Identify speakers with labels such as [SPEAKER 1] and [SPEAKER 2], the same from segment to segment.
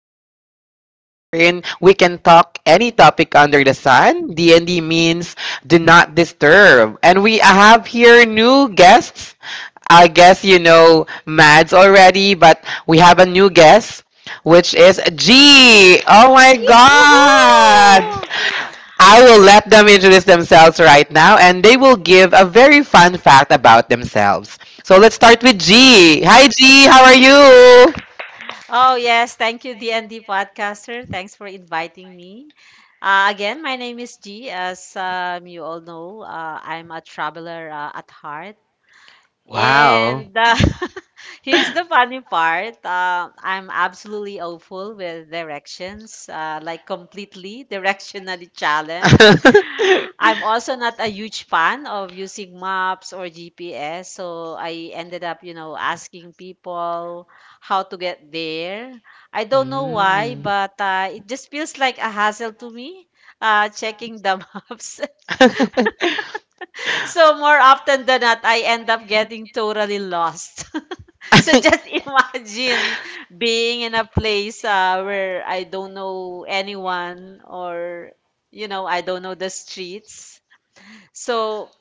[SPEAKER 1] podcasters. We can talk any topic under the sun. D&D means do not disturb. And we have here new guests. I guess you know Mads already, but we have a new guest which is G. Oh my
[SPEAKER 2] Yee.
[SPEAKER 1] god.
[SPEAKER 3] Woohoo!
[SPEAKER 1] I will let them introduce themselves right now and they will give a very fun fact about themselves. So let's start with G. Hi, G. How are you?
[SPEAKER 3] Oh, yes. Thank you, DND Podcaster. Thanks for inviting me. Again, my name is G. As you all know, I'm a traveler at heart.
[SPEAKER 1] Wow.
[SPEAKER 3] And here's the funny part. I'm absolutely awful with directions, like completely directionally challenged. I'm also not a huge fan of using maps or GPS, so I ended up, you know, asking people how to get there. I don't know why,
[SPEAKER 1] Mm.
[SPEAKER 3] but it just feels like a hassle to me, checking the maps. So more often than not, I end up getting totally lost. So just imagine being in a place where I don't know anyone or you know I don't know the streets. So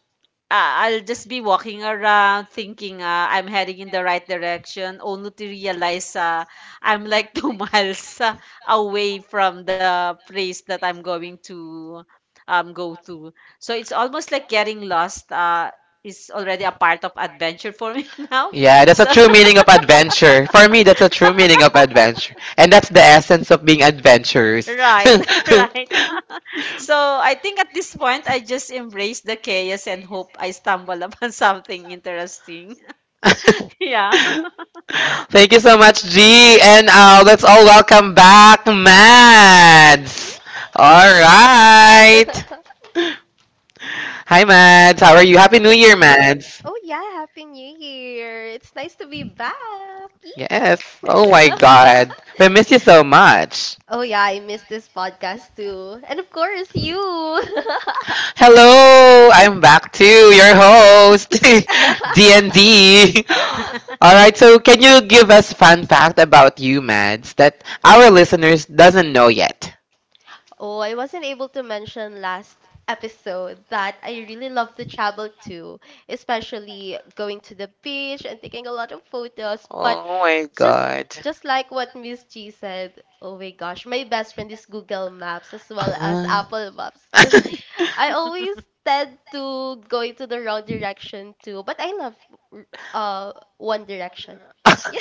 [SPEAKER 3] I'll just be walking around thinking I'm heading in the right direction, only to realize I'm like 2 miles away from the place that I'm going to go to. So it's almost like getting lost is already a part of adventure for me now.
[SPEAKER 1] Yeah, that's a
[SPEAKER 3] So,
[SPEAKER 1] true meaning of adventure. For me, that's a true meaning of adventure. And that's the essence of being adventurous.
[SPEAKER 3] right, right. So I think at this point, I just embrace the chaos and hope I stumble upon something interesting. Yeah.
[SPEAKER 1] Yeah. Thank you so much, G. And let's all welcome back Mads. All right. Hi,
[SPEAKER 2] Oh
[SPEAKER 1] Mads. How are you? Happy New Year, Mads.
[SPEAKER 2] yeah, happy New Year. It's nice to be back. Yee.
[SPEAKER 1] Yes. Oh my God. We miss you so much.
[SPEAKER 2] Oh yeah, I missed this podcast too. And of course you.
[SPEAKER 1] Hello. I'm back too, your host, D&D. All right. So, can you give us fun fact about you, Mads, that our listeners doesn't know yet?
[SPEAKER 2] Oh, I wasn't able to mention last episode that I really love to travel too, especially going to the beach and taking a lot of photos. But
[SPEAKER 1] Oh my
[SPEAKER 2] just
[SPEAKER 1] God.
[SPEAKER 2] just like what Miss G said, oh my gosh, my best friend is Google Maps as well as
[SPEAKER 1] Uh,
[SPEAKER 2] Apple Maps because I always tend to go into the wrong direction too, but I love r- uh One Direction. Yeah,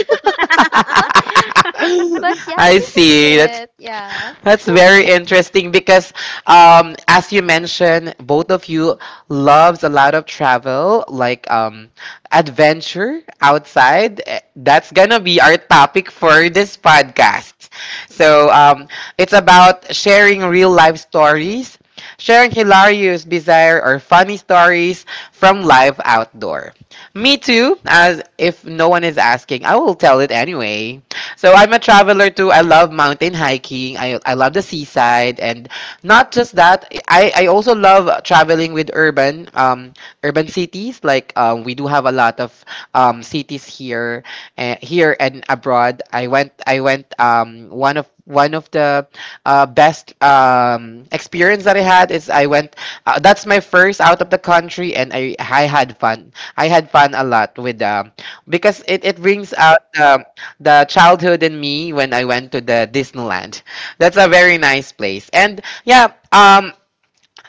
[SPEAKER 2] but yeah, I
[SPEAKER 1] I
[SPEAKER 2] think
[SPEAKER 1] see.
[SPEAKER 2] that's
[SPEAKER 1] That's
[SPEAKER 2] it. Yeah,
[SPEAKER 1] That's very interesting because, as you mentioned, both of you loves a lot of travel, like adventure outside. That's gonna be our topic for this podcast. So it's about sharing real life stories, sharing hilarious, bizarre, or funny stories from life outdoor. Me too. As if no one is asking, I will tell it anyway. So I'm a traveler too. I love mountain hiking. I love the seaside and not just that. I also love traveling with urban cities like we do have a lot of cities here and abroad. I went one of the best experience that I had is I went. That's my first out of the country, and I had fun. I had fun a lot with because it brings out the childhood in me when I went to the Disneyland. That's a very nice place. And yeah,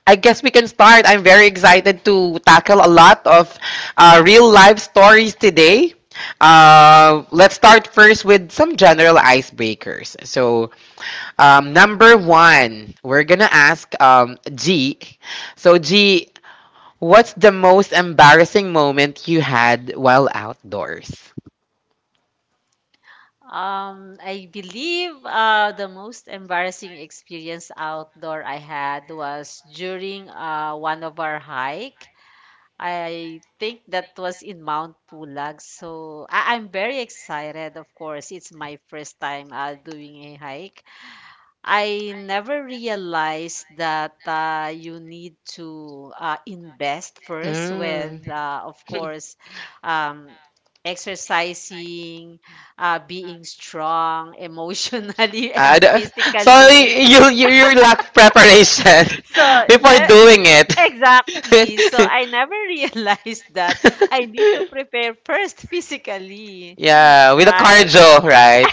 [SPEAKER 1] I guess we can start. I'm very excited to tackle a lot of real life stories today. Let's start first with some general icebreakers. So, number one, we're gonna ask G. So, G, what's the most embarrassing moment you had while outdoors?
[SPEAKER 3] I believe the most embarrassing experience outdoor I had was during one of our hike. I think that was in Mount Pulag. So I'm very excited, of course. It's my first time doing a hike. I never realized that you need to invest first
[SPEAKER 1] Mm.
[SPEAKER 3] with, of course, um, exercising, being strong emotionally and
[SPEAKER 1] I don't- So
[SPEAKER 3] physically.
[SPEAKER 1] you, you lack preparation
[SPEAKER 3] So
[SPEAKER 1] before
[SPEAKER 3] that
[SPEAKER 1] doing it.
[SPEAKER 3] exactly. So I never realized that I need to prepare first physically,
[SPEAKER 1] Yeah, with the
[SPEAKER 3] right?
[SPEAKER 1] cardio, right?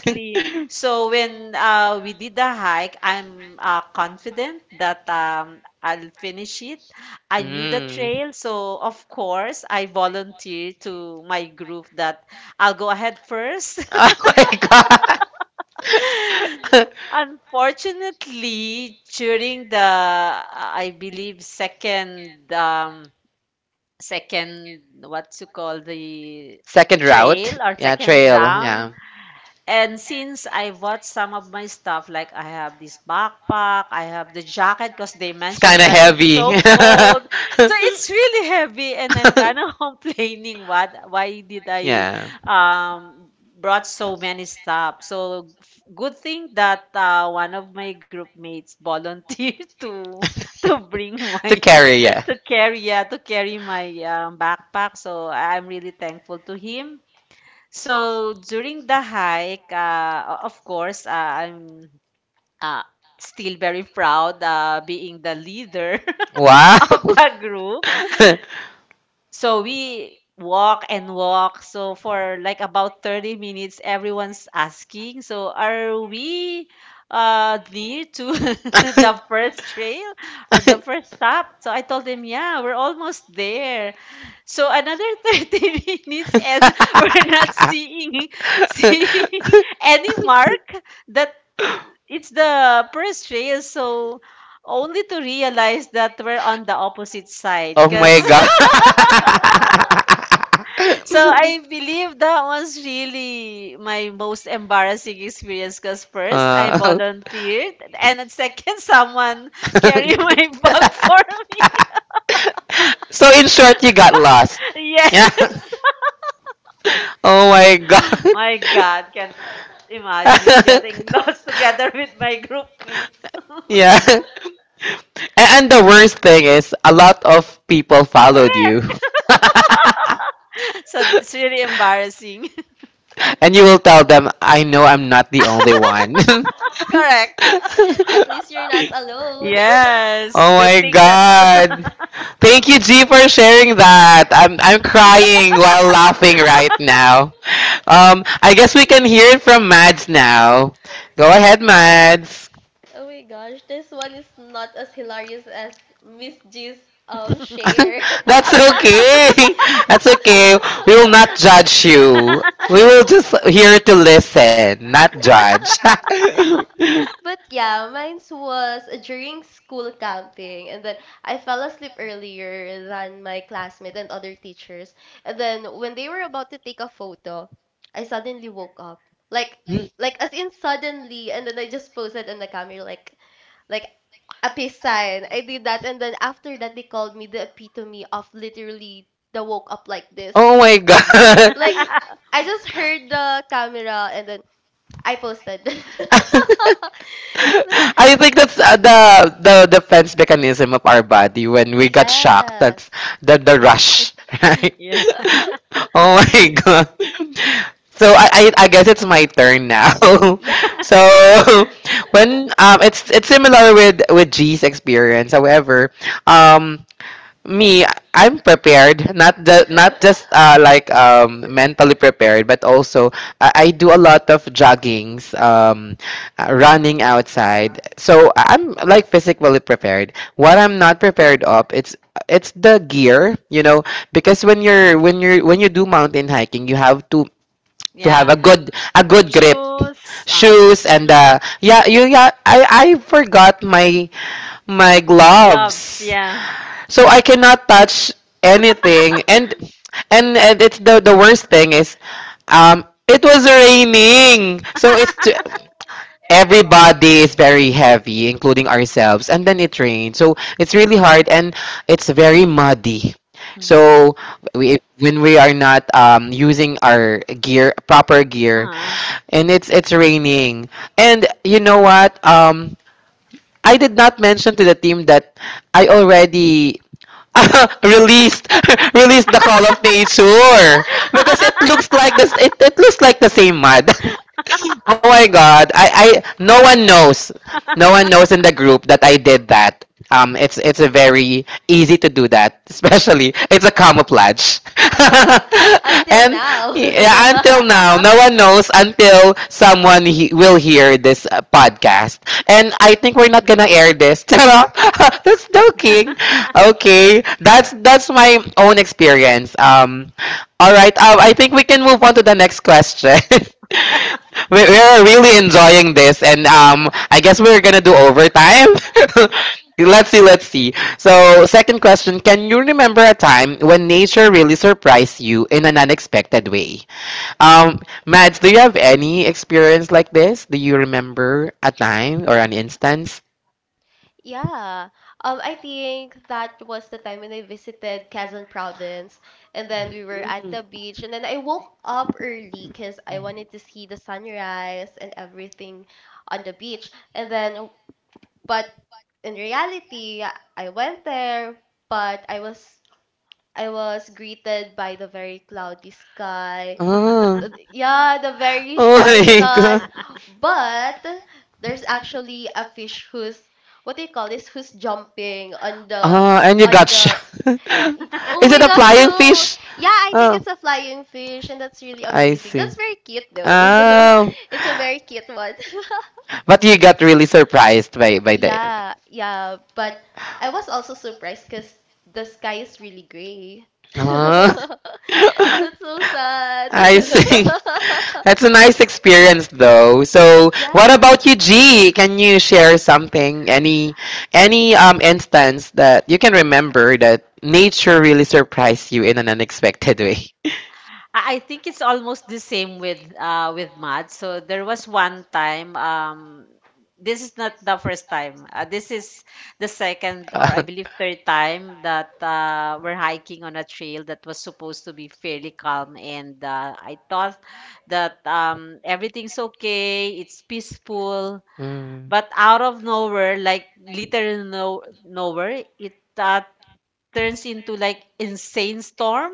[SPEAKER 3] So when we did the hike, I'm confident that I'll finish it. I knew the
[SPEAKER 1] Mm.
[SPEAKER 3] trail, so of course I volunteered to my group that I'll go ahead first.
[SPEAKER 1] Oh my god.
[SPEAKER 3] Unfortunately, during the I believe second second what you call the
[SPEAKER 1] Second
[SPEAKER 3] trail
[SPEAKER 1] route.
[SPEAKER 3] or
[SPEAKER 1] Yeah,
[SPEAKER 3] second
[SPEAKER 1] trail.
[SPEAKER 3] round.
[SPEAKER 1] Yeah.
[SPEAKER 3] And since I bought some of my stuff, like I have this backpack, I have the jacket because they
[SPEAKER 1] It's kind
[SPEAKER 3] mentioned
[SPEAKER 1] of
[SPEAKER 3] that it's
[SPEAKER 1] heavy.
[SPEAKER 3] so cold. So it's really heavy and I'm kind of complaining what why did I
[SPEAKER 1] Yeah.
[SPEAKER 3] brought so many stuff. So good thing that one of my group mates volunteered to bring
[SPEAKER 1] To
[SPEAKER 3] my
[SPEAKER 1] carry, yeah.
[SPEAKER 3] to carry yeah, to carry my backpack. So I'm really thankful to him so during the hike, of course, I'm uh, still very proud being the leader
[SPEAKER 1] Wow.
[SPEAKER 3] of the group. So we walk and walk. So for like about 30 minutes, everyone's asking, so are we near to the first trail or the first stop? So I told them, yeah, we're almost there. So another 30 minutes and we're not seeing seeing any mark that it's the first trail. So only to realize that we're on the opposite side
[SPEAKER 1] Oh my
[SPEAKER 3] because
[SPEAKER 1] god.
[SPEAKER 3] So I believe that was really my most embarrassing experience because first I
[SPEAKER 1] uh,
[SPEAKER 3] volunteered and then second someone carried my bag for me.
[SPEAKER 1] so in short, you got lost.
[SPEAKER 3] Yeah.
[SPEAKER 1] Yeah. Oh my god.
[SPEAKER 3] My God, can't imagine getting lost together with my group mates.
[SPEAKER 1] Yeah. And the worst thing is, a lot of people followed you.
[SPEAKER 3] Correct. So it's really embarrassing.
[SPEAKER 1] And you will tell them, I know I'm not the only one.
[SPEAKER 3] Correct.
[SPEAKER 2] at least you're not alone.
[SPEAKER 3] Yes.
[SPEAKER 1] Oh
[SPEAKER 3] Good
[SPEAKER 1] my
[SPEAKER 3] thing that
[SPEAKER 1] god. Thank you, G, for sharing that. I'm crying while laughing right now. I guess we can hear it from Mads now. Go ahead, Mads.
[SPEAKER 2] Oh my gosh, this one is not as hilarious as Miss G's share.
[SPEAKER 1] That's okay. That's okay. We will not judge you. We will just here to listen, not judge.
[SPEAKER 2] Yeah, mine was during school camping, and then I fell asleep earlier than my classmate and other teachers, and then when they were about to take a photo, I suddenly woke up. Like like as in suddenly and then I just posted in the camera like a peace sign. I did that and then after that they called me the epitome of literally the woke up like this.
[SPEAKER 1] Oh my god.
[SPEAKER 2] Like I just heard the camera and then I posted. Like
[SPEAKER 1] I think that's the defense mechanism of our body when we got shocked.
[SPEAKER 2] yeah.
[SPEAKER 1] That's the rush, right?
[SPEAKER 3] Yeah.
[SPEAKER 1] Oh my god. So I guess it's my turn now. So
[SPEAKER 2] Yeah.
[SPEAKER 1] when it's similar with G's experience. However, um me I- I'm prepared not just like mentally prepared but also I do a lot of joggings running outside so I'm like physically prepared what I'm not prepared of it's the gear because when you do mountain hiking you have to have
[SPEAKER 3] Yeah.
[SPEAKER 1] a good grip
[SPEAKER 3] Shoes.
[SPEAKER 1] shoes and
[SPEAKER 3] Mm-mm.
[SPEAKER 1] yeah you yeah I forgot my
[SPEAKER 3] Gloves,
[SPEAKER 1] gloves
[SPEAKER 3] yeah.
[SPEAKER 1] so I cannot touch anything, and it's the worst thing is, it was raining. So it's everybody is very heavy, including ourselves, and then it rained. So it's really hard, and it's very muddy.
[SPEAKER 3] Mm.
[SPEAKER 1] So when we are not using our gear, proper gear,
[SPEAKER 3] Uh-huh.
[SPEAKER 1] and it's raining, and you know what? I did not mention to the team that I already released released the Call of Nature because it looks like it looks like the same mud. Oh my god. I No one knows. No one knows in the group that I did that. It's a very easy to do that, especially it's a camouflage.
[SPEAKER 2] Until
[SPEAKER 1] And
[SPEAKER 2] now.
[SPEAKER 1] yeah, until now, no one knows until someone will hear this podcast. And I think we're not gonna air this. Charot. That's joking. Okay, that's my own experience. All right. I think we can move on to the next question. We're really enjoying this, and I guess we're gonna do overtime. Let's see, let's see. So, second question: Can you remember a time when nature really surprised you in an unexpected way? Um, Mads, do you have any experience like this? Do you remember a time or an instance?
[SPEAKER 2] Yeah. I think that was the time when I visited Quezon province and then we were at the beach and then I woke up early because I wanted to see the sunrise and everything on the beach. And then but in reality, I went there, but I was greeted by the very cloudy sky.
[SPEAKER 1] Oh,
[SPEAKER 2] Yeah, the very
[SPEAKER 1] oh
[SPEAKER 2] shy sun.
[SPEAKER 1] my god!
[SPEAKER 2] But there's actually a fish who's what do you call this? Who's jumping on the on
[SPEAKER 1] Oh, and you got shot.
[SPEAKER 2] the Oh
[SPEAKER 1] Is
[SPEAKER 2] my
[SPEAKER 1] it a
[SPEAKER 2] gosh, no.
[SPEAKER 1] flying fish?
[SPEAKER 2] Yeah, I think
[SPEAKER 1] Oh.
[SPEAKER 2] it's a flying fish and that's really
[SPEAKER 1] I
[SPEAKER 2] amazing.
[SPEAKER 1] see.
[SPEAKER 2] That's very cute though.
[SPEAKER 1] Oh,
[SPEAKER 2] It's a very cute one.
[SPEAKER 1] but you got really surprised by the.
[SPEAKER 2] Yeah, yeah, but I was also surprised because the sky is really gray.
[SPEAKER 1] Oh,
[SPEAKER 2] That's so sad.
[SPEAKER 1] I see. That's a nice experience, though. So, what
[SPEAKER 2] Yeah,
[SPEAKER 1] about you, G? Can you share something, any instance that you can remember that nature really surprised you in an unexpected way?
[SPEAKER 3] I think it's almost the same with math. So there was one time this is not the first time. This is the second or I
[SPEAKER 1] Uh,
[SPEAKER 3] believe third time that we're hiking on a trail that was supposed to be fairly calm and I thought that everything's okay, it's peaceful,
[SPEAKER 1] mm,
[SPEAKER 3] but out of nowhere, like literal no nowhere, it turns into like insane storm,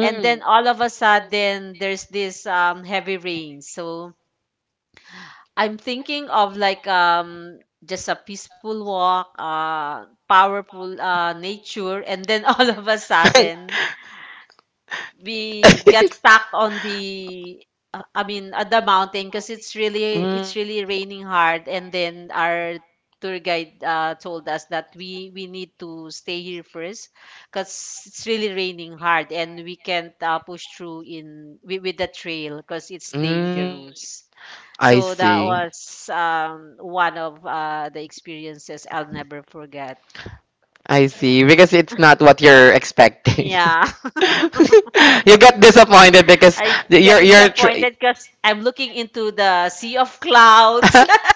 [SPEAKER 3] and then all of a sudden, there's this heavy rain. So I'm thinking of like just a peaceful walk, powerful
[SPEAKER 1] mm.
[SPEAKER 3] nature, and then all of a sudden, we get
[SPEAKER 1] Mm,
[SPEAKER 3] stuck on the I mean at the mountain because it's really raining hard and then our tour guide told us that we need to stay here first because it's really raining hard and we can't push through with the trail because it's
[SPEAKER 1] mm,
[SPEAKER 3] dangerous.
[SPEAKER 1] I
[SPEAKER 3] So that
[SPEAKER 1] see.
[SPEAKER 3] was one of the experiences I'll never forget.
[SPEAKER 1] I see. Because it's
[SPEAKER 3] Yeah,
[SPEAKER 1] not what you're expecting.
[SPEAKER 3] yeah.
[SPEAKER 1] You get disappointed because
[SPEAKER 3] I get
[SPEAKER 1] you're tr-
[SPEAKER 3] disappointed because I'm looking into the sea of clouds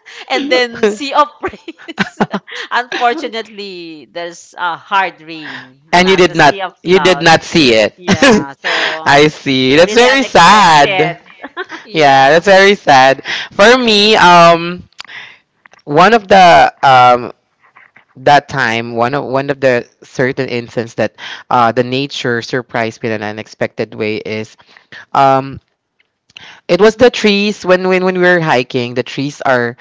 [SPEAKER 3] and then sea of rays. Unfortunately, there's a hard rain,
[SPEAKER 1] And you
[SPEAKER 3] not
[SPEAKER 1] did
[SPEAKER 3] a
[SPEAKER 1] not
[SPEAKER 3] sea of clouds.
[SPEAKER 1] see it.
[SPEAKER 3] Yeah, so
[SPEAKER 1] I see. That's
[SPEAKER 3] really
[SPEAKER 1] very
[SPEAKER 3] unexpected.
[SPEAKER 1] sad. Yeah,
[SPEAKER 3] Yeah.
[SPEAKER 1] that's very sad. For me, one of the that time one of the certain instances that the nature surprised me in an unexpected way is um it was the trees when we were hiking the trees are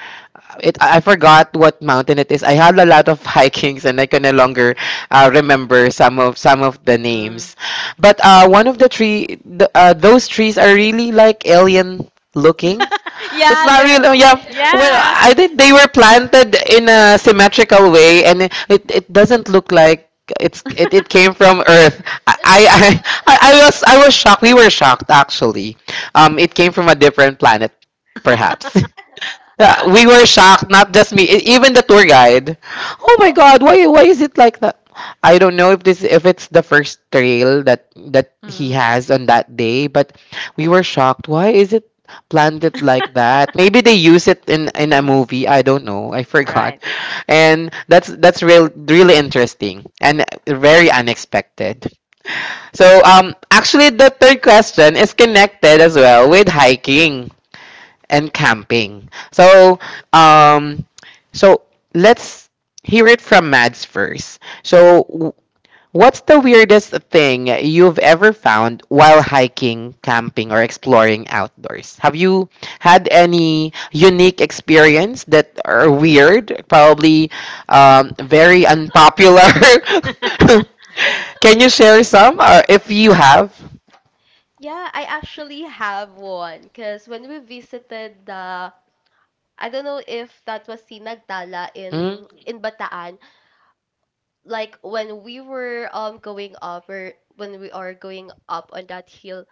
[SPEAKER 1] it I forgot what mountain it is. I had a lot of hikings and I can no longer remember some of the
[SPEAKER 3] Mm.
[SPEAKER 1] names. But one of the tree, the, those trees are really like alien looking. Yeah, it's
[SPEAKER 3] Yeah,
[SPEAKER 1] not real.
[SPEAKER 3] there.
[SPEAKER 1] Really, yeah. Well,
[SPEAKER 3] Yes.
[SPEAKER 1] I think they were planted in a symmetrical way, and it doesn't look like it came from Earth. I I was shocked. We were shocked actually. It came from a different planet, perhaps. Yeah, we were shocked, not just me, even the tour guide. Oh my god, why is it like that? I don't know if this if it's the first trail that he
[SPEAKER 3] Mm.
[SPEAKER 1] has on that day, but we were shocked. Why is it planted like that? Maybe they use it in a
[SPEAKER 3] Mm.
[SPEAKER 1] movie. I don't know. I forgot.
[SPEAKER 3] Right.
[SPEAKER 1] And that's really interesting and very unexpected. So actually the third question is connected as well with hiking and camping. So, um, so let's hear it from Mads first. So, what's the weirdest thing you've ever found while hiking, camping, or exploring outdoors? Have you had any unique experience that are weird, probably very unpopular? Can you share some, or if you have?
[SPEAKER 2] yeah, I actually have one because when we visited the I don't know if that was Sinagdala
[SPEAKER 1] Mm.
[SPEAKER 2] in Bataan. Like when we were going up or when we are going up on that hill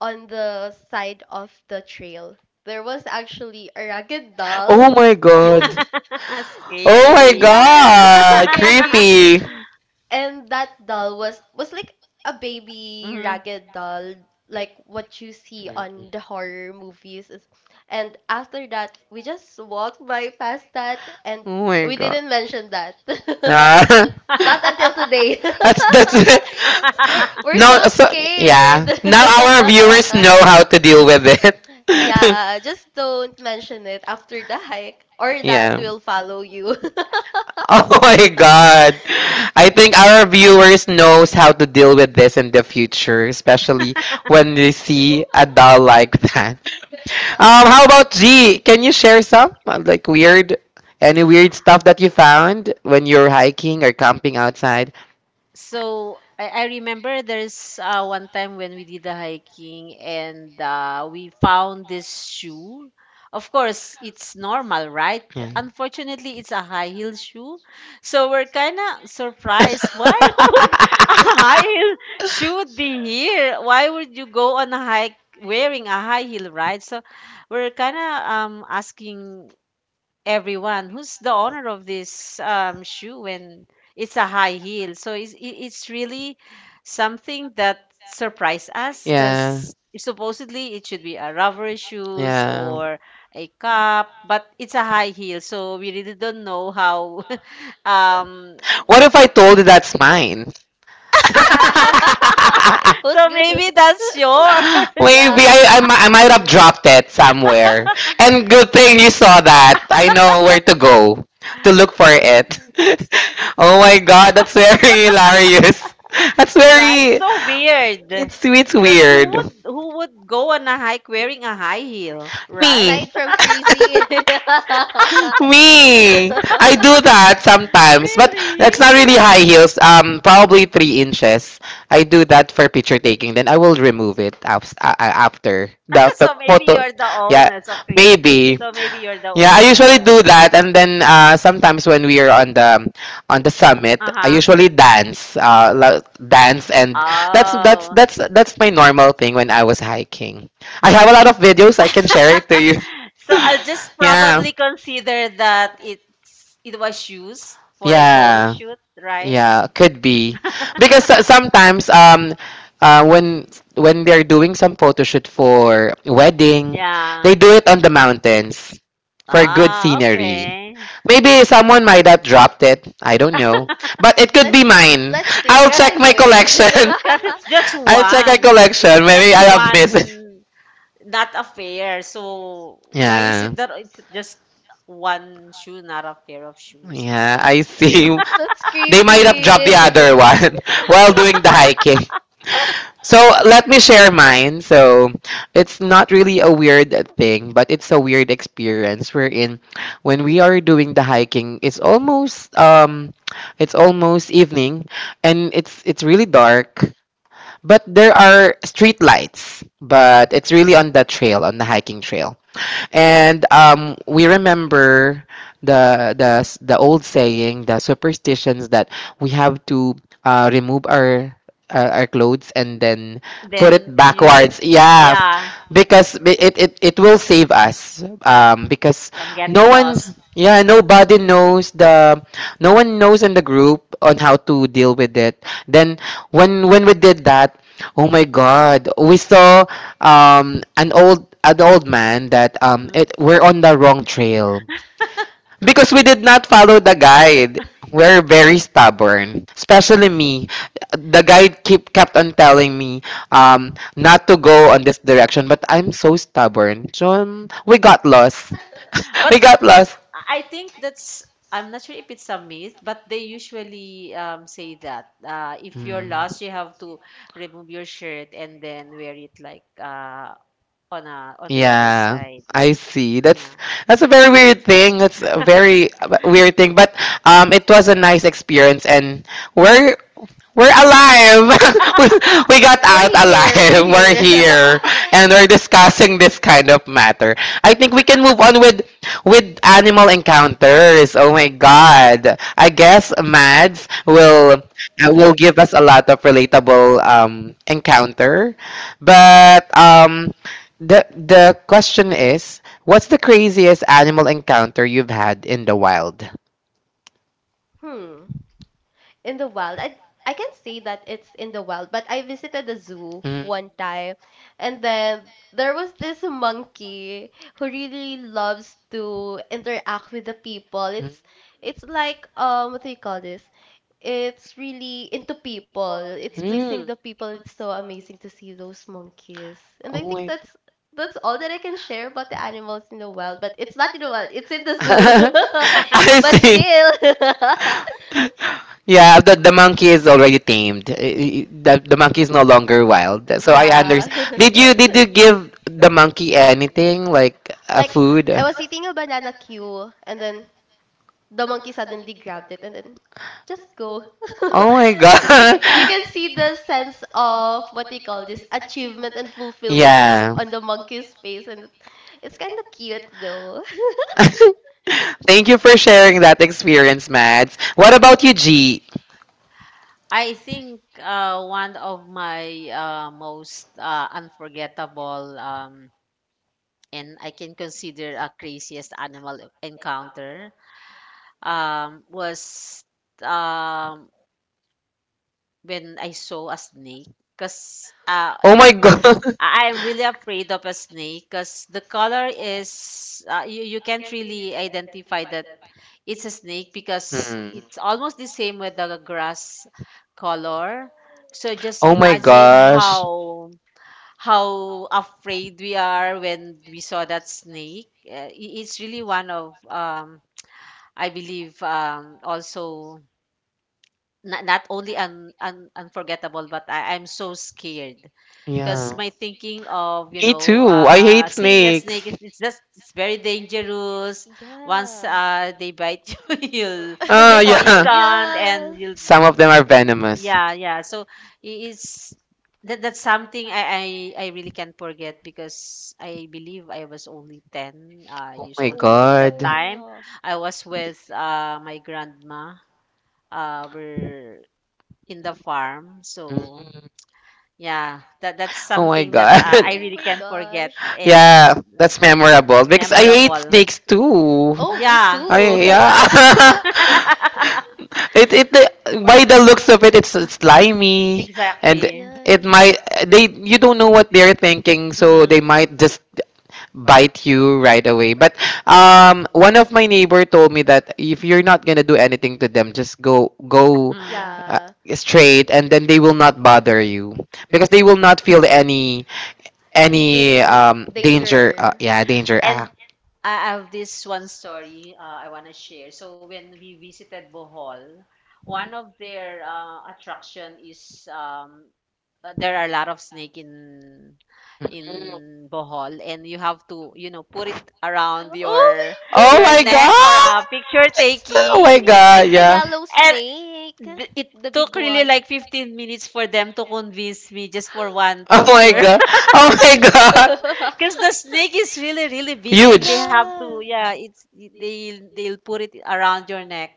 [SPEAKER 2] on the side of the trail, there was actually a ragged
[SPEAKER 1] Oh
[SPEAKER 2] doll.
[SPEAKER 1] my God. Oh my
[SPEAKER 3] Scary.
[SPEAKER 2] Yeah, that's so
[SPEAKER 1] god,
[SPEAKER 2] scary.
[SPEAKER 1] creepy.
[SPEAKER 2] And that doll was like a baby
[SPEAKER 3] Hmm.
[SPEAKER 2] ragged doll, like what you see on the horror movies. Is, and after that, we just walked by past that, and
[SPEAKER 1] Oh my
[SPEAKER 2] we
[SPEAKER 1] god.
[SPEAKER 2] didn't mention that.
[SPEAKER 1] Ah,
[SPEAKER 2] Not until today.
[SPEAKER 1] that's it.
[SPEAKER 2] We're
[SPEAKER 1] No,
[SPEAKER 2] so
[SPEAKER 1] so
[SPEAKER 2] scared.
[SPEAKER 1] yeah. Now our viewers know how to deal with it.
[SPEAKER 2] Yeah, just don't mention it after the hike, or that
[SPEAKER 1] Yeah.
[SPEAKER 2] will follow you.
[SPEAKER 1] Oh my god. I think our viewers knows how to deal with this in the future, especially when they see a doll like that. How about G? Can you share any weird stuff that you found when you're hiking or camping outside?
[SPEAKER 3] so I remember there's one time when we did the hiking and we found this shoe. Of course, it's normal, right?
[SPEAKER 1] Yeah.
[SPEAKER 3] Unfortunately, it's a high heel shoe. So we're kind of surprised. Why would a high heel shoe be here? Why would you go on a hike wearing a high heel, right? So we're kind of asking everyone who's the owner of this shoe, and it's a high heel so it's really something that surprised us
[SPEAKER 1] Yeah,
[SPEAKER 3] because supposedly it should be a rubber shoes
[SPEAKER 1] yeah.
[SPEAKER 3] or a cup, but it's a high heel, so we really don't know how. Um.
[SPEAKER 1] What if I told you that's mine?
[SPEAKER 2] Yeah, those
[SPEAKER 3] So
[SPEAKER 2] good-
[SPEAKER 3] maybe that's yours.
[SPEAKER 2] yeah.
[SPEAKER 1] Maybe I might have dropped it somewhere. And good thing you saw that. I know where to go to look for it. Oh my god, that's very hilarious. That's
[SPEAKER 3] Right,
[SPEAKER 1] very.
[SPEAKER 3] so weird.
[SPEAKER 1] It's
[SPEAKER 3] Because who would
[SPEAKER 1] weird.
[SPEAKER 3] who would go on a hike wearing a high heel, right?
[SPEAKER 1] Me.
[SPEAKER 2] Aside from crazy.
[SPEAKER 1] Me. I do that sometimes, but
[SPEAKER 3] Really?
[SPEAKER 1] that's not really high heels. Probably 3 inches. I do that for picture taking. Then I will remove it after the
[SPEAKER 3] So maybe
[SPEAKER 1] photo.
[SPEAKER 3] you're the
[SPEAKER 1] Yeah,
[SPEAKER 3] owner. So, okay.
[SPEAKER 1] maybe.
[SPEAKER 3] So maybe you're the
[SPEAKER 1] Yeah, I
[SPEAKER 3] owner of
[SPEAKER 1] usually
[SPEAKER 3] that.
[SPEAKER 1] do that, and then sometimes when we are on the summit,
[SPEAKER 3] Uh
[SPEAKER 1] I
[SPEAKER 3] huh.
[SPEAKER 1] usually dance, and that's that's
[SPEAKER 3] Oh.
[SPEAKER 1] that's that's my normal thing when I was hiking. I have a lot of videos I can share it to you.
[SPEAKER 3] So I'll just
[SPEAKER 1] Yeah.
[SPEAKER 3] probably consider that it was shoes for a photo
[SPEAKER 1] Yeah.
[SPEAKER 3] shoot, right?
[SPEAKER 1] Yeah, could be. Because sometimes uh when when they're doing some photo shoot for wedding,
[SPEAKER 3] Yeah.
[SPEAKER 1] they do it on the mountains for good
[SPEAKER 3] Ah,
[SPEAKER 1] scenery.
[SPEAKER 3] okay.
[SPEAKER 1] Maybe someone might have dropped it. I don't know. But it could be
[SPEAKER 2] Let's
[SPEAKER 1] mine.
[SPEAKER 2] let's take
[SPEAKER 1] I'll
[SPEAKER 2] it
[SPEAKER 3] Cause
[SPEAKER 2] that
[SPEAKER 1] check
[SPEAKER 3] it's
[SPEAKER 1] my
[SPEAKER 2] way.
[SPEAKER 1] collection.
[SPEAKER 2] That's
[SPEAKER 3] cause it's just
[SPEAKER 1] I'll check my
[SPEAKER 3] one. It's
[SPEAKER 1] collection.
[SPEAKER 3] just
[SPEAKER 1] Maybe I have missed it.
[SPEAKER 3] one, not a pair. So why is
[SPEAKER 1] Yeah.
[SPEAKER 3] it that it's just one shoe, not a pair of shoes,
[SPEAKER 1] Yeah,
[SPEAKER 3] right?
[SPEAKER 1] I
[SPEAKER 3] So
[SPEAKER 1] see. They might have dropped the
[SPEAKER 2] creepy.
[SPEAKER 1] other one while doing the hiking. So let me share mine. So it's not really a weird thing, but it's a weird experience wherein when we are doing the hiking, it's almost evening, and it's really dark. But there are street lights, but it's really on the trail, on the hiking trail, and we remember the old saying, the superstitions that we have to remove our clothes and then put it
[SPEAKER 3] then you said,
[SPEAKER 1] backwards. Yeah,
[SPEAKER 3] yeah,
[SPEAKER 1] because it will save us. Because
[SPEAKER 3] from getting
[SPEAKER 1] no one,
[SPEAKER 3] lost.
[SPEAKER 1] yeah, nobody knows the no one knows in the group on how to deal with it. Then when we did that, oh my God, we saw an old man that
[SPEAKER 3] Mhm.
[SPEAKER 1] it we're on the wrong trail because we did not follow the guide. We're very stubborn, especially me. The guide keep kept on telling me not to go on this direction, but I'm so stubborn. So we got lost.
[SPEAKER 3] But
[SPEAKER 1] we got lost.
[SPEAKER 3] I think that's I'm not sure if it's a myth, but they usually say that if you're
[SPEAKER 1] Mm.
[SPEAKER 3] lost, you have to remove your shirt and then wear it like on the other
[SPEAKER 1] Yeah,
[SPEAKER 3] side.
[SPEAKER 1] I see.
[SPEAKER 3] Yeah.
[SPEAKER 1] That's a very weird thing. That's a very weird thing, but it was a nice experience, and we're we're alive. we, we got
[SPEAKER 2] We're
[SPEAKER 1] out alive.
[SPEAKER 2] here. We're
[SPEAKER 1] We're
[SPEAKER 2] here.
[SPEAKER 1] here, and we're discussing this kind of matter. I think we can move on with animal encounters. Oh my god. I guess Mads will give us a lot of relatable encounter. But the question is, what's the craziest animal encounter you've had in the wild?
[SPEAKER 2] Hmm. In the wild. I can't say that it's in the wild, but I visited the zoo
[SPEAKER 1] Hmm.
[SPEAKER 2] one time, and then there was this monkey who really loves to interact with the people.
[SPEAKER 1] Mm.
[SPEAKER 2] It's like what do you call this? It's really into people. It's pleasing
[SPEAKER 1] Mm.
[SPEAKER 2] the people. It's so amazing to see those monkeys. And I
[SPEAKER 1] Oh
[SPEAKER 2] think
[SPEAKER 1] my.
[SPEAKER 2] that's all that I can share about the animals in the wild. But it's not in the wild. It's in the zoo.
[SPEAKER 1] I
[SPEAKER 2] But
[SPEAKER 1] see.
[SPEAKER 2] still,
[SPEAKER 1] Yeah, the monkey is already tamed. The monkey is no longer wild. So I
[SPEAKER 2] yeah.
[SPEAKER 1] understand. Did you give the monkey anything like a
[SPEAKER 2] Like,
[SPEAKER 1] food?
[SPEAKER 2] I was eating a banana queue, and then the monkey suddenly grabbed it, and then just go.
[SPEAKER 1] Oh my
[SPEAKER 2] you
[SPEAKER 1] god.
[SPEAKER 2] you can see the sense of what do you call this achievement and fulfillment in yeah,
[SPEAKER 1] yeah.
[SPEAKER 2] the on the monkey's face, and it's kind of cute though.
[SPEAKER 1] Thank you for sharing that experience, Mads. What about you, G?
[SPEAKER 3] I think one of my most unforgettable and I can consider a craziest animal encounter was um, when I saw a snake. Because
[SPEAKER 1] Oh my god.
[SPEAKER 3] I am really afraid of a snake because the color is, you, you can't really identify that it's a snake because
[SPEAKER 1] Hmm.
[SPEAKER 3] it's almost the same with the grass color. So just
[SPEAKER 1] Oh my
[SPEAKER 3] imagine
[SPEAKER 1] gosh.
[SPEAKER 3] how afraid we are when we saw that snake. It's really one of I believe also, not only unforgettable, but I, I'm so scared because
[SPEAKER 1] Yeah.
[SPEAKER 3] my thinking of you
[SPEAKER 1] Me
[SPEAKER 3] know
[SPEAKER 1] too. I hate
[SPEAKER 3] seeing a snake
[SPEAKER 1] snakes.
[SPEAKER 3] is it's just it's very dangerous. Once
[SPEAKER 2] Yeah.
[SPEAKER 3] they bite you you'll be
[SPEAKER 1] Oh yeah.
[SPEAKER 3] poisoned and
[SPEAKER 2] Yeah.
[SPEAKER 3] you'll
[SPEAKER 1] Some of them are venomous.
[SPEAKER 3] yeah yeah, so it's that that's something
[SPEAKER 2] Yes.
[SPEAKER 3] I really can't forget because
[SPEAKER 1] Oh
[SPEAKER 3] I believe I was only 10 years
[SPEAKER 1] my
[SPEAKER 3] old during that
[SPEAKER 1] god.
[SPEAKER 2] Oh
[SPEAKER 3] time. I was with my grandma. We're in the farm, so
[SPEAKER 1] Mm.
[SPEAKER 3] yeah, that that's
[SPEAKER 1] Oh my
[SPEAKER 3] something that
[SPEAKER 1] god.
[SPEAKER 3] I really can't forget
[SPEAKER 2] gosh.
[SPEAKER 3] and
[SPEAKER 1] yeah, that's memorable because I hate
[SPEAKER 3] memorable.
[SPEAKER 1] snakes too.
[SPEAKER 2] Oh, me
[SPEAKER 3] Yeah,
[SPEAKER 1] I
[SPEAKER 2] too.
[SPEAKER 1] yeah. it by the looks of it, it's slimy, and
[SPEAKER 2] Yes.
[SPEAKER 3] exactly.
[SPEAKER 1] it might they you don't know what they're thinking, so they
[SPEAKER 3] Mm-hmm.
[SPEAKER 1] might just bite you right away. But one of my neighbor told me that if you're not gonna do anything to them, just go
[SPEAKER 3] Mm.
[SPEAKER 1] uh,
[SPEAKER 2] Yeah,
[SPEAKER 1] straight, and then they will not bother you because they will not feel any
[SPEAKER 2] any danger,
[SPEAKER 1] danger.
[SPEAKER 2] danger.
[SPEAKER 1] Yeah, danger.
[SPEAKER 3] And
[SPEAKER 1] Ah.
[SPEAKER 3] I have this one story I want to share. So when we visited Bohol, one of their attraction is there are a lot of snake in Bohol, and you have to you know put it around
[SPEAKER 2] Oh my
[SPEAKER 3] your
[SPEAKER 1] Oh
[SPEAKER 2] god!
[SPEAKER 3] your
[SPEAKER 1] my
[SPEAKER 3] neck for a
[SPEAKER 1] god!
[SPEAKER 3] picture
[SPEAKER 1] Oh my
[SPEAKER 3] taking.
[SPEAKER 2] It's like
[SPEAKER 1] god!
[SPEAKER 2] the
[SPEAKER 1] Yeah.
[SPEAKER 2] yellow
[SPEAKER 3] And
[SPEAKER 2] snake,
[SPEAKER 3] it
[SPEAKER 2] the big
[SPEAKER 3] took really
[SPEAKER 2] one.
[SPEAKER 3] like 15 minutes for them to convince me just for one
[SPEAKER 2] Oh
[SPEAKER 1] Oh
[SPEAKER 2] my
[SPEAKER 1] my
[SPEAKER 3] picture.
[SPEAKER 1] god! Oh my
[SPEAKER 2] gosh!
[SPEAKER 1] god!
[SPEAKER 3] Because the snake is really, really big, and they
[SPEAKER 1] Huge.
[SPEAKER 2] Yeah,
[SPEAKER 3] have to, yeah, it's they they'll put it around your neck,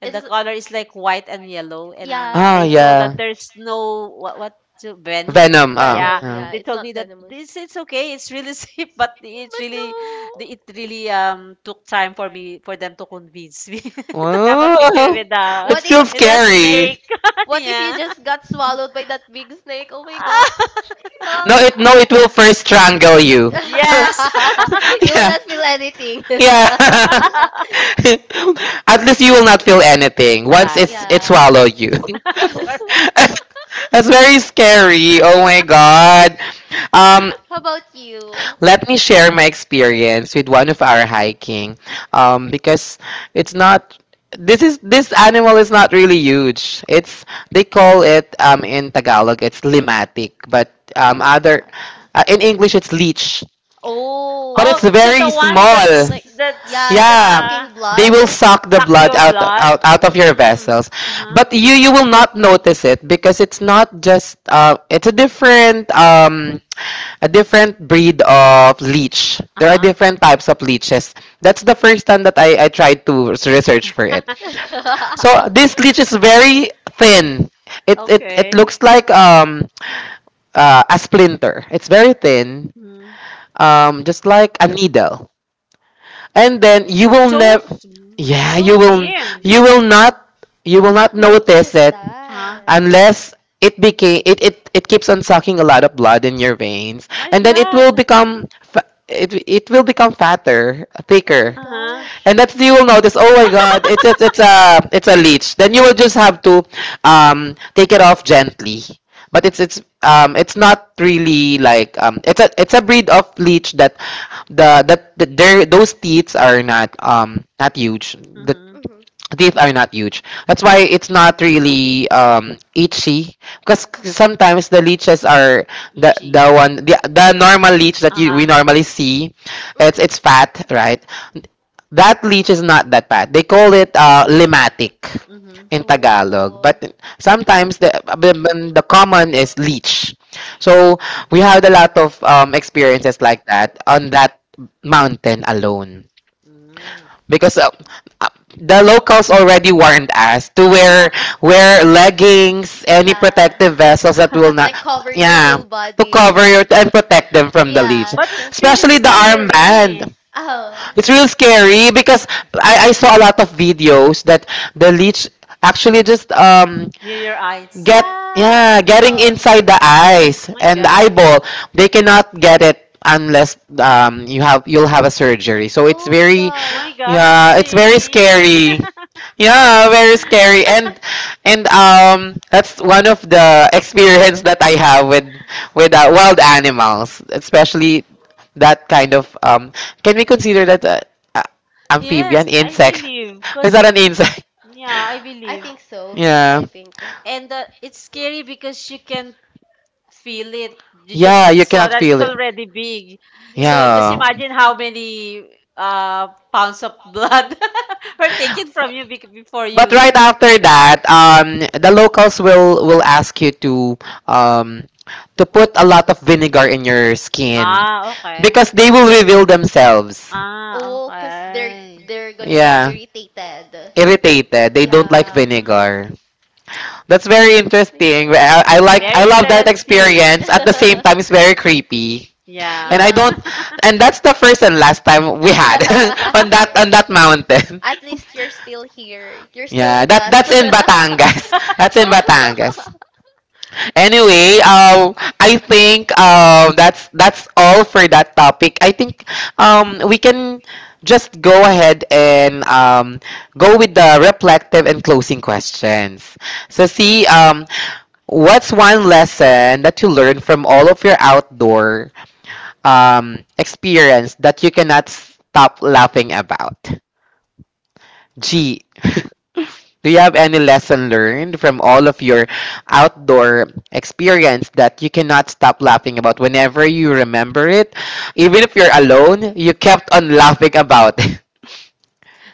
[SPEAKER 3] and the
[SPEAKER 2] it's
[SPEAKER 3] color is like white and yellow.
[SPEAKER 2] yeah,
[SPEAKER 3] And
[SPEAKER 1] Ah
[SPEAKER 3] they told that
[SPEAKER 1] yeah.
[SPEAKER 3] there's no venom.
[SPEAKER 1] Venom. Ah.
[SPEAKER 2] venom.
[SPEAKER 3] Yeah,
[SPEAKER 1] ah.
[SPEAKER 2] Yeah,
[SPEAKER 3] they
[SPEAKER 2] it's
[SPEAKER 3] told
[SPEAKER 2] not
[SPEAKER 3] me that
[SPEAKER 2] venomous.
[SPEAKER 3] this it's okay, it's really safe, but
[SPEAKER 2] Oh,
[SPEAKER 3] it's
[SPEAKER 2] but
[SPEAKER 3] really it really took time
[SPEAKER 2] no,
[SPEAKER 3] for me for them to convince me to have a
[SPEAKER 2] like
[SPEAKER 3] picture
[SPEAKER 1] Oh, it's
[SPEAKER 2] what if?
[SPEAKER 1] still
[SPEAKER 3] with a
[SPEAKER 1] scary.
[SPEAKER 3] snake.
[SPEAKER 2] What if you
[SPEAKER 3] Yeah.
[SPEAKER 2] just got swallowed by that big snake? Oh my gosh,
[SPEAKER 1] No,
[SPEAKER 2] I cannot.
[SPEAKER 1] it will first strangle you.
[SPEAKER 3] Yes.
[SPEAKER 2] You will
[SPEAKER 1] yeah,
[SPEAKER 2] not feel anything.
[SPEAKER 1] yeah. At least you will not feel anything once
[SPEAKER 3] Right.
[SPEAKER 1] it
[SPEAKER 2] Yeah.
[SPEAKER 1] swallowed you.
[SPEAKER 3] Correct.
[SPEAKER 1] That's very scary. Oh my god. Um,
[SPEAKER 2] How about you?
[SPEAKER 1] Let me share my experience with one of our hiking because it's not this animal is not really huge. It's They call it in tagalog it's limatic, but
[SPEAKER 2] Oh, what's-
[SPEAKER 1] other in english it's leech,
[SPEAKER 2] oh,
[SPEAKER 1] but it's
[SPEAKER 3] Oh, so
[SPEAKER 1] very
[SPEAKER 3] the one
[SPEAKER 1] small.
[SPEAKER 2] like yeah,
[SPEAKER 3] that's
[SPEAKER 2] that
[SPEAKER 1] Yeah,
[SPEAKER 2] sucking
[SPEAKER 1] they
[SPEAKER 2] blood.
[SPEAKER 1] will suck the
[SPEAKER 3] suck
[SPEAKER 1] blood
[SPEAKER 3] your blood.
[SPEAKER 1] out of your
[SPEAKER 3] Mm.
[SPEAKER 1] vessels,
[SPEAKER 3] Uh huh.
[SPEAKER 1] but you will not notice it because it's not just it's a different breed of leech.
[SPEAKER 3] Uh
[SPEAKER 1] There are
[SPEAKER 3] huh.
[SPEAKER 1] different types of leeches. That's the first time that I tried to research for it. So this leech is very thin. It
[SPEAKER 3] Okay.
[SPEAKER 1] looks like a splinter. It's very thin,
[SPEAKER 3] Mm.
[SPEAKER 1] just like a needle. And then you will
[SPEAKER 3] So
[SPEAKER 1] never
[SPEAKER 3] sm-
[SPEAKER 1] yeah,
[SPEAKER 3] so thin.
[SPEAKER 1] you will not you
[SPEAKER 2] You'll
[SPEAKER 1] will
[SPEAKER 2] not
[SPEAKER 1] not
[SPEAKER 2] notice
[SPEAKER 1] notice it
[SPEAKER 3] Huh?
[SPEAKER 2] that.
[SPEAKER 1] unless it keeps on sucking a lot of blood in your veins,
[SPEAKER 3] My
[SPEAKER 1] and then it
[SPEAKER 3] God.
[SPEAKER 1] will become it will become fatter,
[SPEAKER 2] Oh my
[SPEAKER 1] thicker,
[SPEAKER 3] Uh huh.
[SPEAKER 2] gosh.
[SPEAKER 1] and that's you will notice, oh my god, it's a leech. Then you will just have to take it off gently. But it's not really like it's a breed of leech that the, their those teeth are not not huge.
[SPEAKER 3] Mhm.
[SPEAKER 2] Mm-hmm.
[SPEAKER 1] Teeth are not huge. That's why it's not really itchy. Because sometimes the leeches are
[SPEAKER 3] Itchy.
[SPEAKER 1] the one the normal leech that
[SPEAKER 3] Uh
[SPEAKER 1] you we
[SPEAKER 3] huh.
[SPEAKER 1] normally see,
[SPEAKER 2] Mm-hmm.
[SPEAKER 1] it's fat, right? That leech is not that fat. They call it limatic
[SPEAKER 3] Mhm.
[SPEAKER 1] in Tagalog.
[SPEAKER 2] Oh,
[SPEAKER 1] But sometimes the but the common is leech. So we had a lot of experiences like that on that mountain alone,
[SPEAKER 3] Mm.
[SPEAKER 1] because uh, the locals already warned us to wear leggings, any
[SPEAKER 2] yeah.
[SPEAKER 1] protective vessels that will not,
[SPEAKER 2] Like cover your
[SPEAKER 1] yeah,
[SPEAKER 2] whole
[SPEAKER 1] to
[SPEAKER 2] body.
[SPEAKER 1] cover your and protect them from the
[SPEAKER 2] Yeah.
[SPEAKER 1] leaves,
[SPEAKER 3] But it's still
[SPEAKER 1] especially the armband.
[SPEAKER 3] scary
[SPEAKER 2] Oh.
[SPEAKER 1] It's real scary because I saw a lot of videos that the leech actually just
[SPEAKER 3] near your eyes.
[SPEAKER 2] Yeah.
[SPEAKER 1] get yeah getting inside the eyes
[SPEAKER 3] Oh my
[SPEAKER 1] and the
[SPEAKER 3] god. Oh
[SPEAKER 1] eyeball. They cannot get it unless you'll have a surgery, so it's
[SPEAKER 2] Oh my
[SPEAKER 1] very
[SPEAKER 2] god.
[SPEAKER 3] my god, it's
[SPEAKER 1] yeah it's very
[SPEAKER 3] scary.
[SPEAKER 1] scary, yeah, very scary. And that's one of the experience that I have with wild animals, especially that kind of can we consider that a
[SPEAKER 3] Yes,
[SPEAKER 1] amphibian
[SPEAKER 3] I
[SPEAKER 1] insect
[SPEAKER 3] believe.
[SPEAKER 1] is
[SPEAKER 3] Because,
[SPEAKER 1] that an insect
[SPEAKER 3] yeah, I
[SPEAKER 2] I
[SPEAKER 3] believe.
[SPEAKER 2] think so. Yeah.
[SPEAKER 1] yeah.
[SPEAKER 2] I
[SPEAKER 3] And it's scary because you can feel it. You
[SPEAKER 1] Yeah,
[SPEAKER 3] just
[SPEAKER 1] you
[SPEAKER 3] saw
[SPEAKER 1] cannot
[SPEAKER 3] that it's
[SPEAKER 1] feel it.
[SPEAKER 3] already big. So
[SPEAKER 2] yeah.
[SPEAKER 3] just
[SPEAKER 1] Yeah.
[SPEAKER 3] imagine how many pounds of blood were taken from you before
[SPEAKER 1] But
[SPEAKER 3] you.
[SPEAKER 1] right after that, the locals will ask you um to put a lot of vinegar in your skin
[SPEAKER 3] Ah, okay.
[SPEAKER 1] because they will reveal themselves.
[SPEAKER 3] Ah,
[SPEAKER 2] Oh, cause
[SPEAKER 3] okay.
[SPEAKER 2] they're gonna get yeah,
[SPEAKER 1] Yeah.
[SPEAKER 2] irritated. Irritated.
[SPEAKER 1] Irritated. They don't
[SPEAKER 2] Yeah.
[SPEAKER 1] like
[SPEAKER 3] Mm.
[SPEAKER 1] vinegar. That's very interesting. I like
[SPEAKER 2] Well,
[SPEAKER 1] I
[SPEAKER 3] Very
[SPEAKER 1] love that
[SPEAKER 3] interesting.
[SPEAKER 1] experience. At the same time, it's very creepy. And I
[SPEAKER 3] Yeah.
[SPEAKER 2] yeah.
[SPEAKER 1] don't and that's the first and last time we had
[SPEAKER 2] Also,
[SPEAKER 1] on that mountain.
[SPEAKER 2] at least you're still here. You're still yeah,
[SPEAKER 1] Yeah,
[SPEAKER 2] with us.
[SPEAKER 1] that's in
[SPEAKER 2] That's
[SPEAKER 1] Batangas. That's in Batangas. Anyway, I think that's all for that topic. I think we can just go ahead and go with the reflective and closing questions. So see what's one lesson that you learned from all of your outdoor experience that you cannot stop laughing about? G. Do you have any lesson learned from all of your outdoor experience that you cannot stop laughing about whenever you remember it? Even if you're alone, you kept on laughing about it.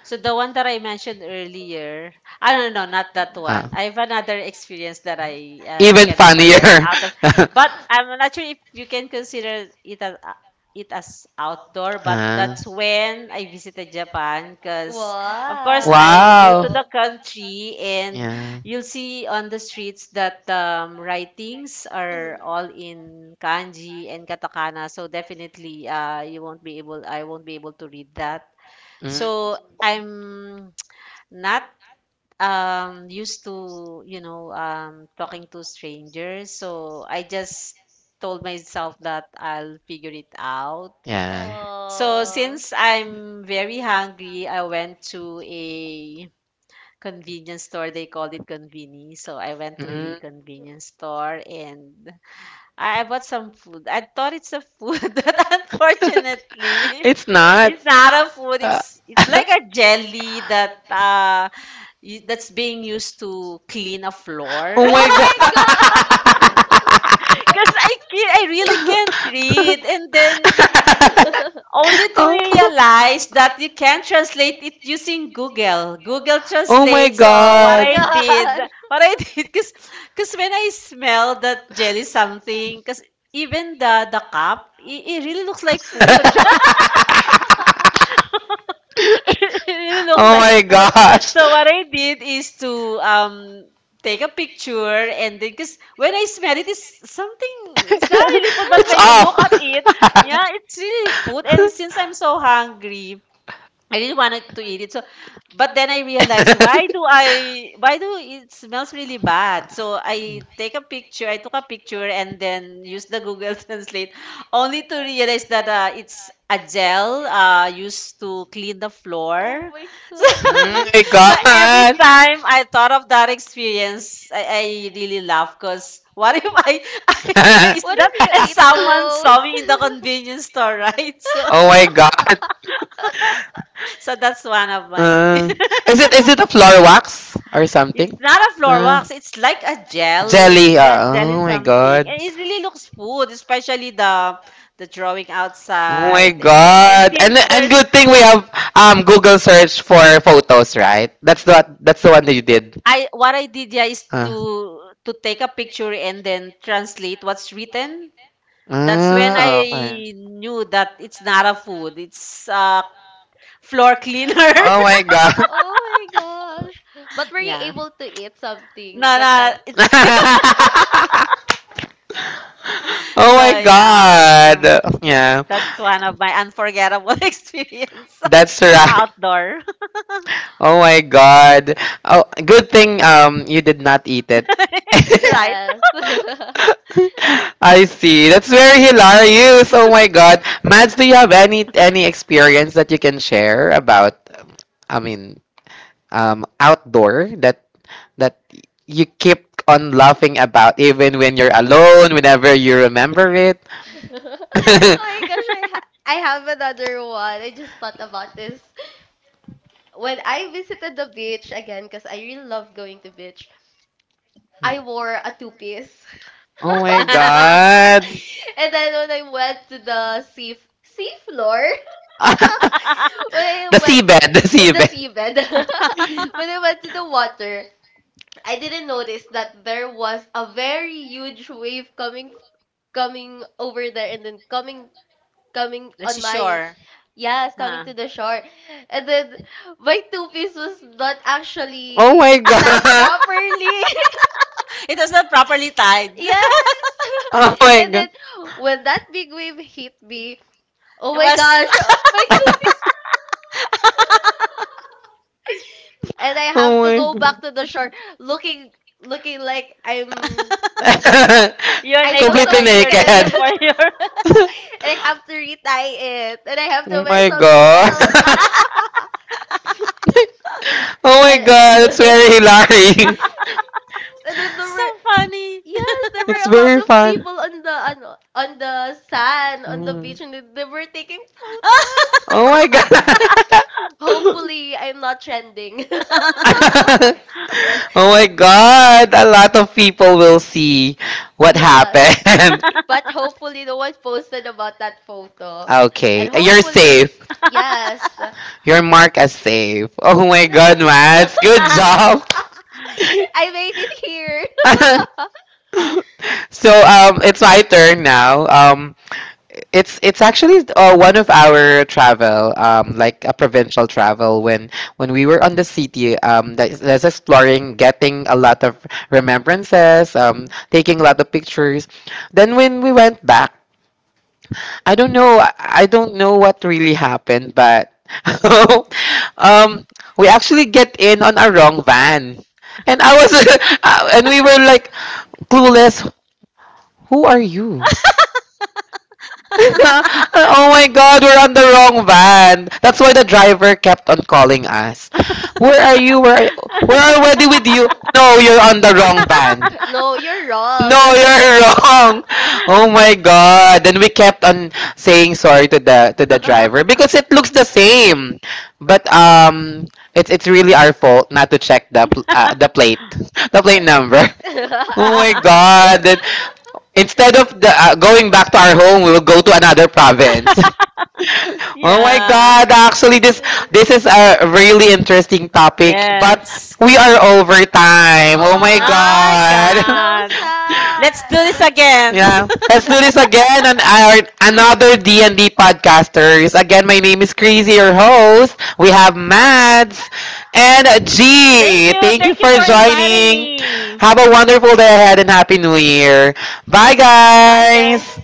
[SPEAKER 3] So the one that I mentioned earlier, I don't know, not that
[SPEAKER 1] Ah.
[SPEAKER 3] one. I have another experience that I
[SPEAKER 1] Even
[SPEAKER 3] can't forget
[SPEAKER 1] funnier.
[SPEAKER 3] outdoor, but I'm not sure if you can consider it as outdoor. But
[SPEAKER 1] Ah.
[SPEAKER 3] that's when I visited Japan, because of course I'm new
[SPEAKER 2] wow.
[SPEAKER 1] Wow.
[SPEAKER 3] to the country, and
[SPEAKER 1] Yeah.
[SPEAKER 3] you'll see on the streets that writings are
[SPEAKER 2] Mhm.
[SPEAKER 3] all in kanji and katakana. So definitely, you won't be able, I won't be able to read that, so
[SPEAKER 1] Mm.
[SPEAKER 3] I'm not used to, you know, talking to strangers. So I just told myself that I'll figure it out.
[SPEAKER 1] Yeah.
[SPEAKER 3] So
[SPEAKER 2] Aw.
[SPEAKER 3] since I'm very hungry, I went to a convenience store. They called it conveni. So I went to a
[SPEAKER 1] Mm.
[SPEAKER 3] convenience store and I bought some food. I thought it's a food, but unfortunately,
[SPEAKER 1] it's not.
[SPEAKER 3] it's not a food.
[SPEAKER 1] Uh,
[SPEAKER 3] It's like a jelly that that's being used to clean a floor.
[SPEAKER 1] oh my
[SPEAKER 2] Oh my
[SPEAKER 1] god.
[SPEAKER 2] god.
[SPEAKER 3] Because I really can't read, and then only to
[SPEAKER 1] oh.
[SPEAKER 3] realize that you can translate it using Google. Google
[SPEAKER 1] Oh my
[SPEAKER 3] Translate. So what
[SPEAKER 2] Oh
[SPEAKER 3] I
[SPEAKER 1] god.
[SPEAKER 3] did,
[SPEAKER 2] my
[SPEAKER 3] what I did, because when I smell that jelly something, because even the cup, it really looks like food. It really looks
[SPEAKER 1] oh
[SPEAKER 3] like
[SPEAKER 1] my
[SPEAKER 3] food.
[SPEAKER 1] gosh.
[SPEAKER 3] So what I did is to um take a picture and then because when I smell it, it's something. It's not really food, but
[SPEAKER 1] it's
[SPEAKER 3] when you
[SPEAKER 2] god.
[SPEAKER 3] look at
[SPEAKER 1] off.
[SPEAKER 3] it, yeah, it's really food. And since I'm so hungry, I really wanted to eat it. So, but then I realized why do it smells really bad? So I take a picture. I took a picture and then used the Google Translate, only to realize that it's a gel used to clean the floor.
[SPEAKER 2] Oh my
[SPEAKER 3] So,
[SPEAKER 1] oh
[SPEAKER 2] god!
[SPEAKER 1] my
[SPEAKER 3] so every
[SPEAKER 1] god.
[SPEAKER 3] time I thought of that experience, I really laugh because what if I, I taste
[SPEAKER 2] What
[SPEAKER 3] that
[SPEAKER 2] if you
[SPEAKER 3] and
[SPEAKER 2] eat
[SPEAKER 3] someone
[SPEAKER 2] those?
[SPEAKER 3] saw me in the convenience store, right? So,
[SPEAKER 1] oh my god.
[SPEAKER 3] so that's one of my.
[SPEAKER 1] Uh, is it a floor wax or
[SPEAKER 3] It's
[SPEAKER 1] something?
[SPEAKER 3] not a floor
[SPEAKER 1] Uh,
[SPEAKER 3] wax. It's like a gel.
[SPEAKER 1] jelly.
[SPEAKER 3] Yeah, jelly
[SPEAKER 1] Oh my
[SPEAKER 3] something.
[SPEAKER 1] god.
[SPEAKER 3] And it really looks food, especially the drawing
[SPEAKER 1] Oh my
[SPEAKER 3] outside. And
[SPEAKER 1] god.
[SPEAKER 3] since
[SPEAKER 1] And
[SPEAKER 3] there's
[SPEAKER 1] good thing we have Google search for photos, right? That's the one that you did.
[SPEAKER 3] I what I did yeah is
[SPEAKER 1] Uh,
[SPEAKER 3] to take a picture and then translate what's written. That's when
[SPEAKER 1] ah, okay.
[SPEAKER 3] I knew that it's not a food. It's a floor cleaner.
[SPEAKER 1] Oh my god.
[SPEAKER 2] Oh my gosh. But were you
[SPEAKER 3] Yeah.
[SPEAKER 2] able to eat something
[SPEAKER 3] No,
[SPEAKER 2] that
[SPEAKER 3] no,
[SPEAKER 2] time?
[SPEAKER 3] it's
[SPEAKER 1] oh
[SPEAKER 3] so
[SPEAKER 1] my
[SPEAKER 3] yeah.
[SPEAKER 1] god. Yeah.
[SPEAKER 3] That's one of my unforgettable experience
[SPEAKER 1] That's right.
[SPEAKER 3] outdoor,
[SPEAKER 1] Oh my god. Oh, good thing you did not eat it.
[SPEAKER 3] right?
[SPEAKER 2] Yes. Oh
[SPEAKER 1] I see. That's very hilarious. Oh my god. Mads, do you have any experience that you can share about? I mean outdoor that that you keep on laughing about even when you're alone, whenever you remember it.
[SPEAKER 2] my gosh, I have another one. I just thought about this. When I visited the beach again, because I really love going to beach, I wore a two-piece.
[SPEAKER 1] oh my god.
[SPEAKER 2] And then when I went to the sea floor, when I the went seabed,
[SPEAKER 1] The
[SPEAKER 2] the
[SPEAKER 1] seabed.
[SPEAKER 2] seabed when I went to the water, I didn't notice that there was a very huge wave coming over there and then coming
[SPEAKER 3] The
[SPEAKER 2] on my
[SPEAKER 3] seashore.
[SPEAKER 2] yes, coming
[SPEAKER 3] Huh.
[SPEAKER 2] to the shore. And then my two piece was not oh
[SPEAKER 1] Oh
[SPEAKER 2] actually my
[SPEAKER 1] my
[SPEAKER 2] tied god
[SPEAKER 1] god.
[SPEAKER 2] properly.
[SPEAKER 3] It was not properly tied.
[SPEAKER 2] Yes.
[SPEAKER 1] Oh my
[SPEAKER 2] And then
[SPEAKER 1] god.
[SPEAKER 2] when that big wave hit me, oh
[SPEAKER 3] It
[SPEAKER 2] my
[SPEAKER 3] was
[SPEAKER 2] gosh, oh my two piece fell off. And I have
[SPEAKER 1] Oh
[SPEAKER 2] to go
[SPEAKER 1] my
[SPEAKER 2] back to the shore looking looking like I'm
[SPEAKER 1] god.
[SPEAKER 3] you're
[SPEAKER 2] I feel
[SPEAKER 3] naked
[SPEAKER 2] so
[SPEAKER 1] Completely
[SPEAKER 3] and you're
[SPEAKER 2] naked.
[SPEAKER 3] looking
[SPEAKER 1] naked.
[SPEAKER 3] for your
[SPEAKER 2] I have to retie it and I have to
[SPEAKER 1] Oh
[SPEAKER 2] wear
[SPEAKER 1] my
[SPEAKER 2] something
[SPEAKER 1] god.
[SPEAKER 2] else.
[SPEAKER 1] Oh my
[SPEAKER 2] And
[SPEAKER 1] god, it's very hilarious.
[SPEAKER 2] yes, and then there
[SPEAKER 3] so
[SPEAKER 2] were
[SPEAKER 3] funny.
[SPEAKER 2] yes, there were
[SPEAKER 1] It's
[SPEAKER 2] a lot
[SPEAKER 1] very
[SPEAKER 2] of
[SPEAKER 1] fun.
[SPEAKER 2] people on the sand on the
[SPEAKER 1] Mm.
[SPEAKER 2] beach and they were taking photos.
[SPEAKER 1] Oh my god.
[SPEAKER 2] Hopefully I'm not trending.
[SPEAKER 1] oh my god. A lot of people will see what
[SPEAKER 2] Yeah.
[SPEAKER 1] happened.
[SPEAKER 2] But hopefully no one posted about that photo.
[SPEAKER 1] Okay,
[SPEAKER 2] And
[SPEAKER 1] you're
[SPEAKER 2] hopefully
[SPEAKER 1] safe.
[SPEAKER 2] yes.
[SPEAKER 1] You're marked as safe. Oh my god, Mads. Good job.
[SPEAKER 2] I made it here.
[SPEAKER 1] I so it's my turn now. It's actually one of our travel like a provincial travel when we were on the city that's exploring getting a lot of remembrances
[SPEAKER 3] Mm.
[SPEAKER 1] taking a lot of pictures, then when we went back i don't know i I don't know what really happened, but um we actually get in on a wrong van, and I was and we were like clueless, who are you? oh my god, we're on the wrong van. That's why the driver kept on calling us. Where are you? Where are you? We're already with you. No, you're on the wrong van.
[SPEAKER 2] No, you're
[SPEAKER 1] No,
[SPEAKER 2] wrong.
[SPEAKER 1] you're wrong. Oh my god. Then we kept on saying sorry to the driver because it looks the same. But it's really our fault not to check the the plate. The plate number. Oh my god. Then instead of the, going back to our home, we will go to another province. Oh my
[SPEAKER 3] Yeah.
[SPEAKER 1] God, actually this is a really interesting topic, but
[SPEAKER 3] Yes.
[SPEAKER 1] we are over time. Oh my
[SPEAKER 2] Oh,
[SPEAKER 3] My
[SPEAKER 2] I'm
[SPEAKER 1] God.
[SPEAKER 2] so
[SPEAKER 3] God.
[SPEAKER 2] sad.
[SPEAKER 3] Let's do this again. Thank
[SPEAKER 1] Yeah, let's do this again on our another D&D podcasters. Again, my name is Crazy, your host. We have Mads and
[SPEAKER 3] you.
[SPEAKER 1] G. Thank you
[SPEAKER 3] Thank you
[SPEAKER 1] for
[SPEAKER 3] for inviting
[SPEAKER 1] joining.
[SPEAKER 3] me.
[SPEAKER 1] Have a wonderful day ahead and happy New Year. Bye,
[SPEAKER 3] Bye, guys.
[SPEAKER 1] guys.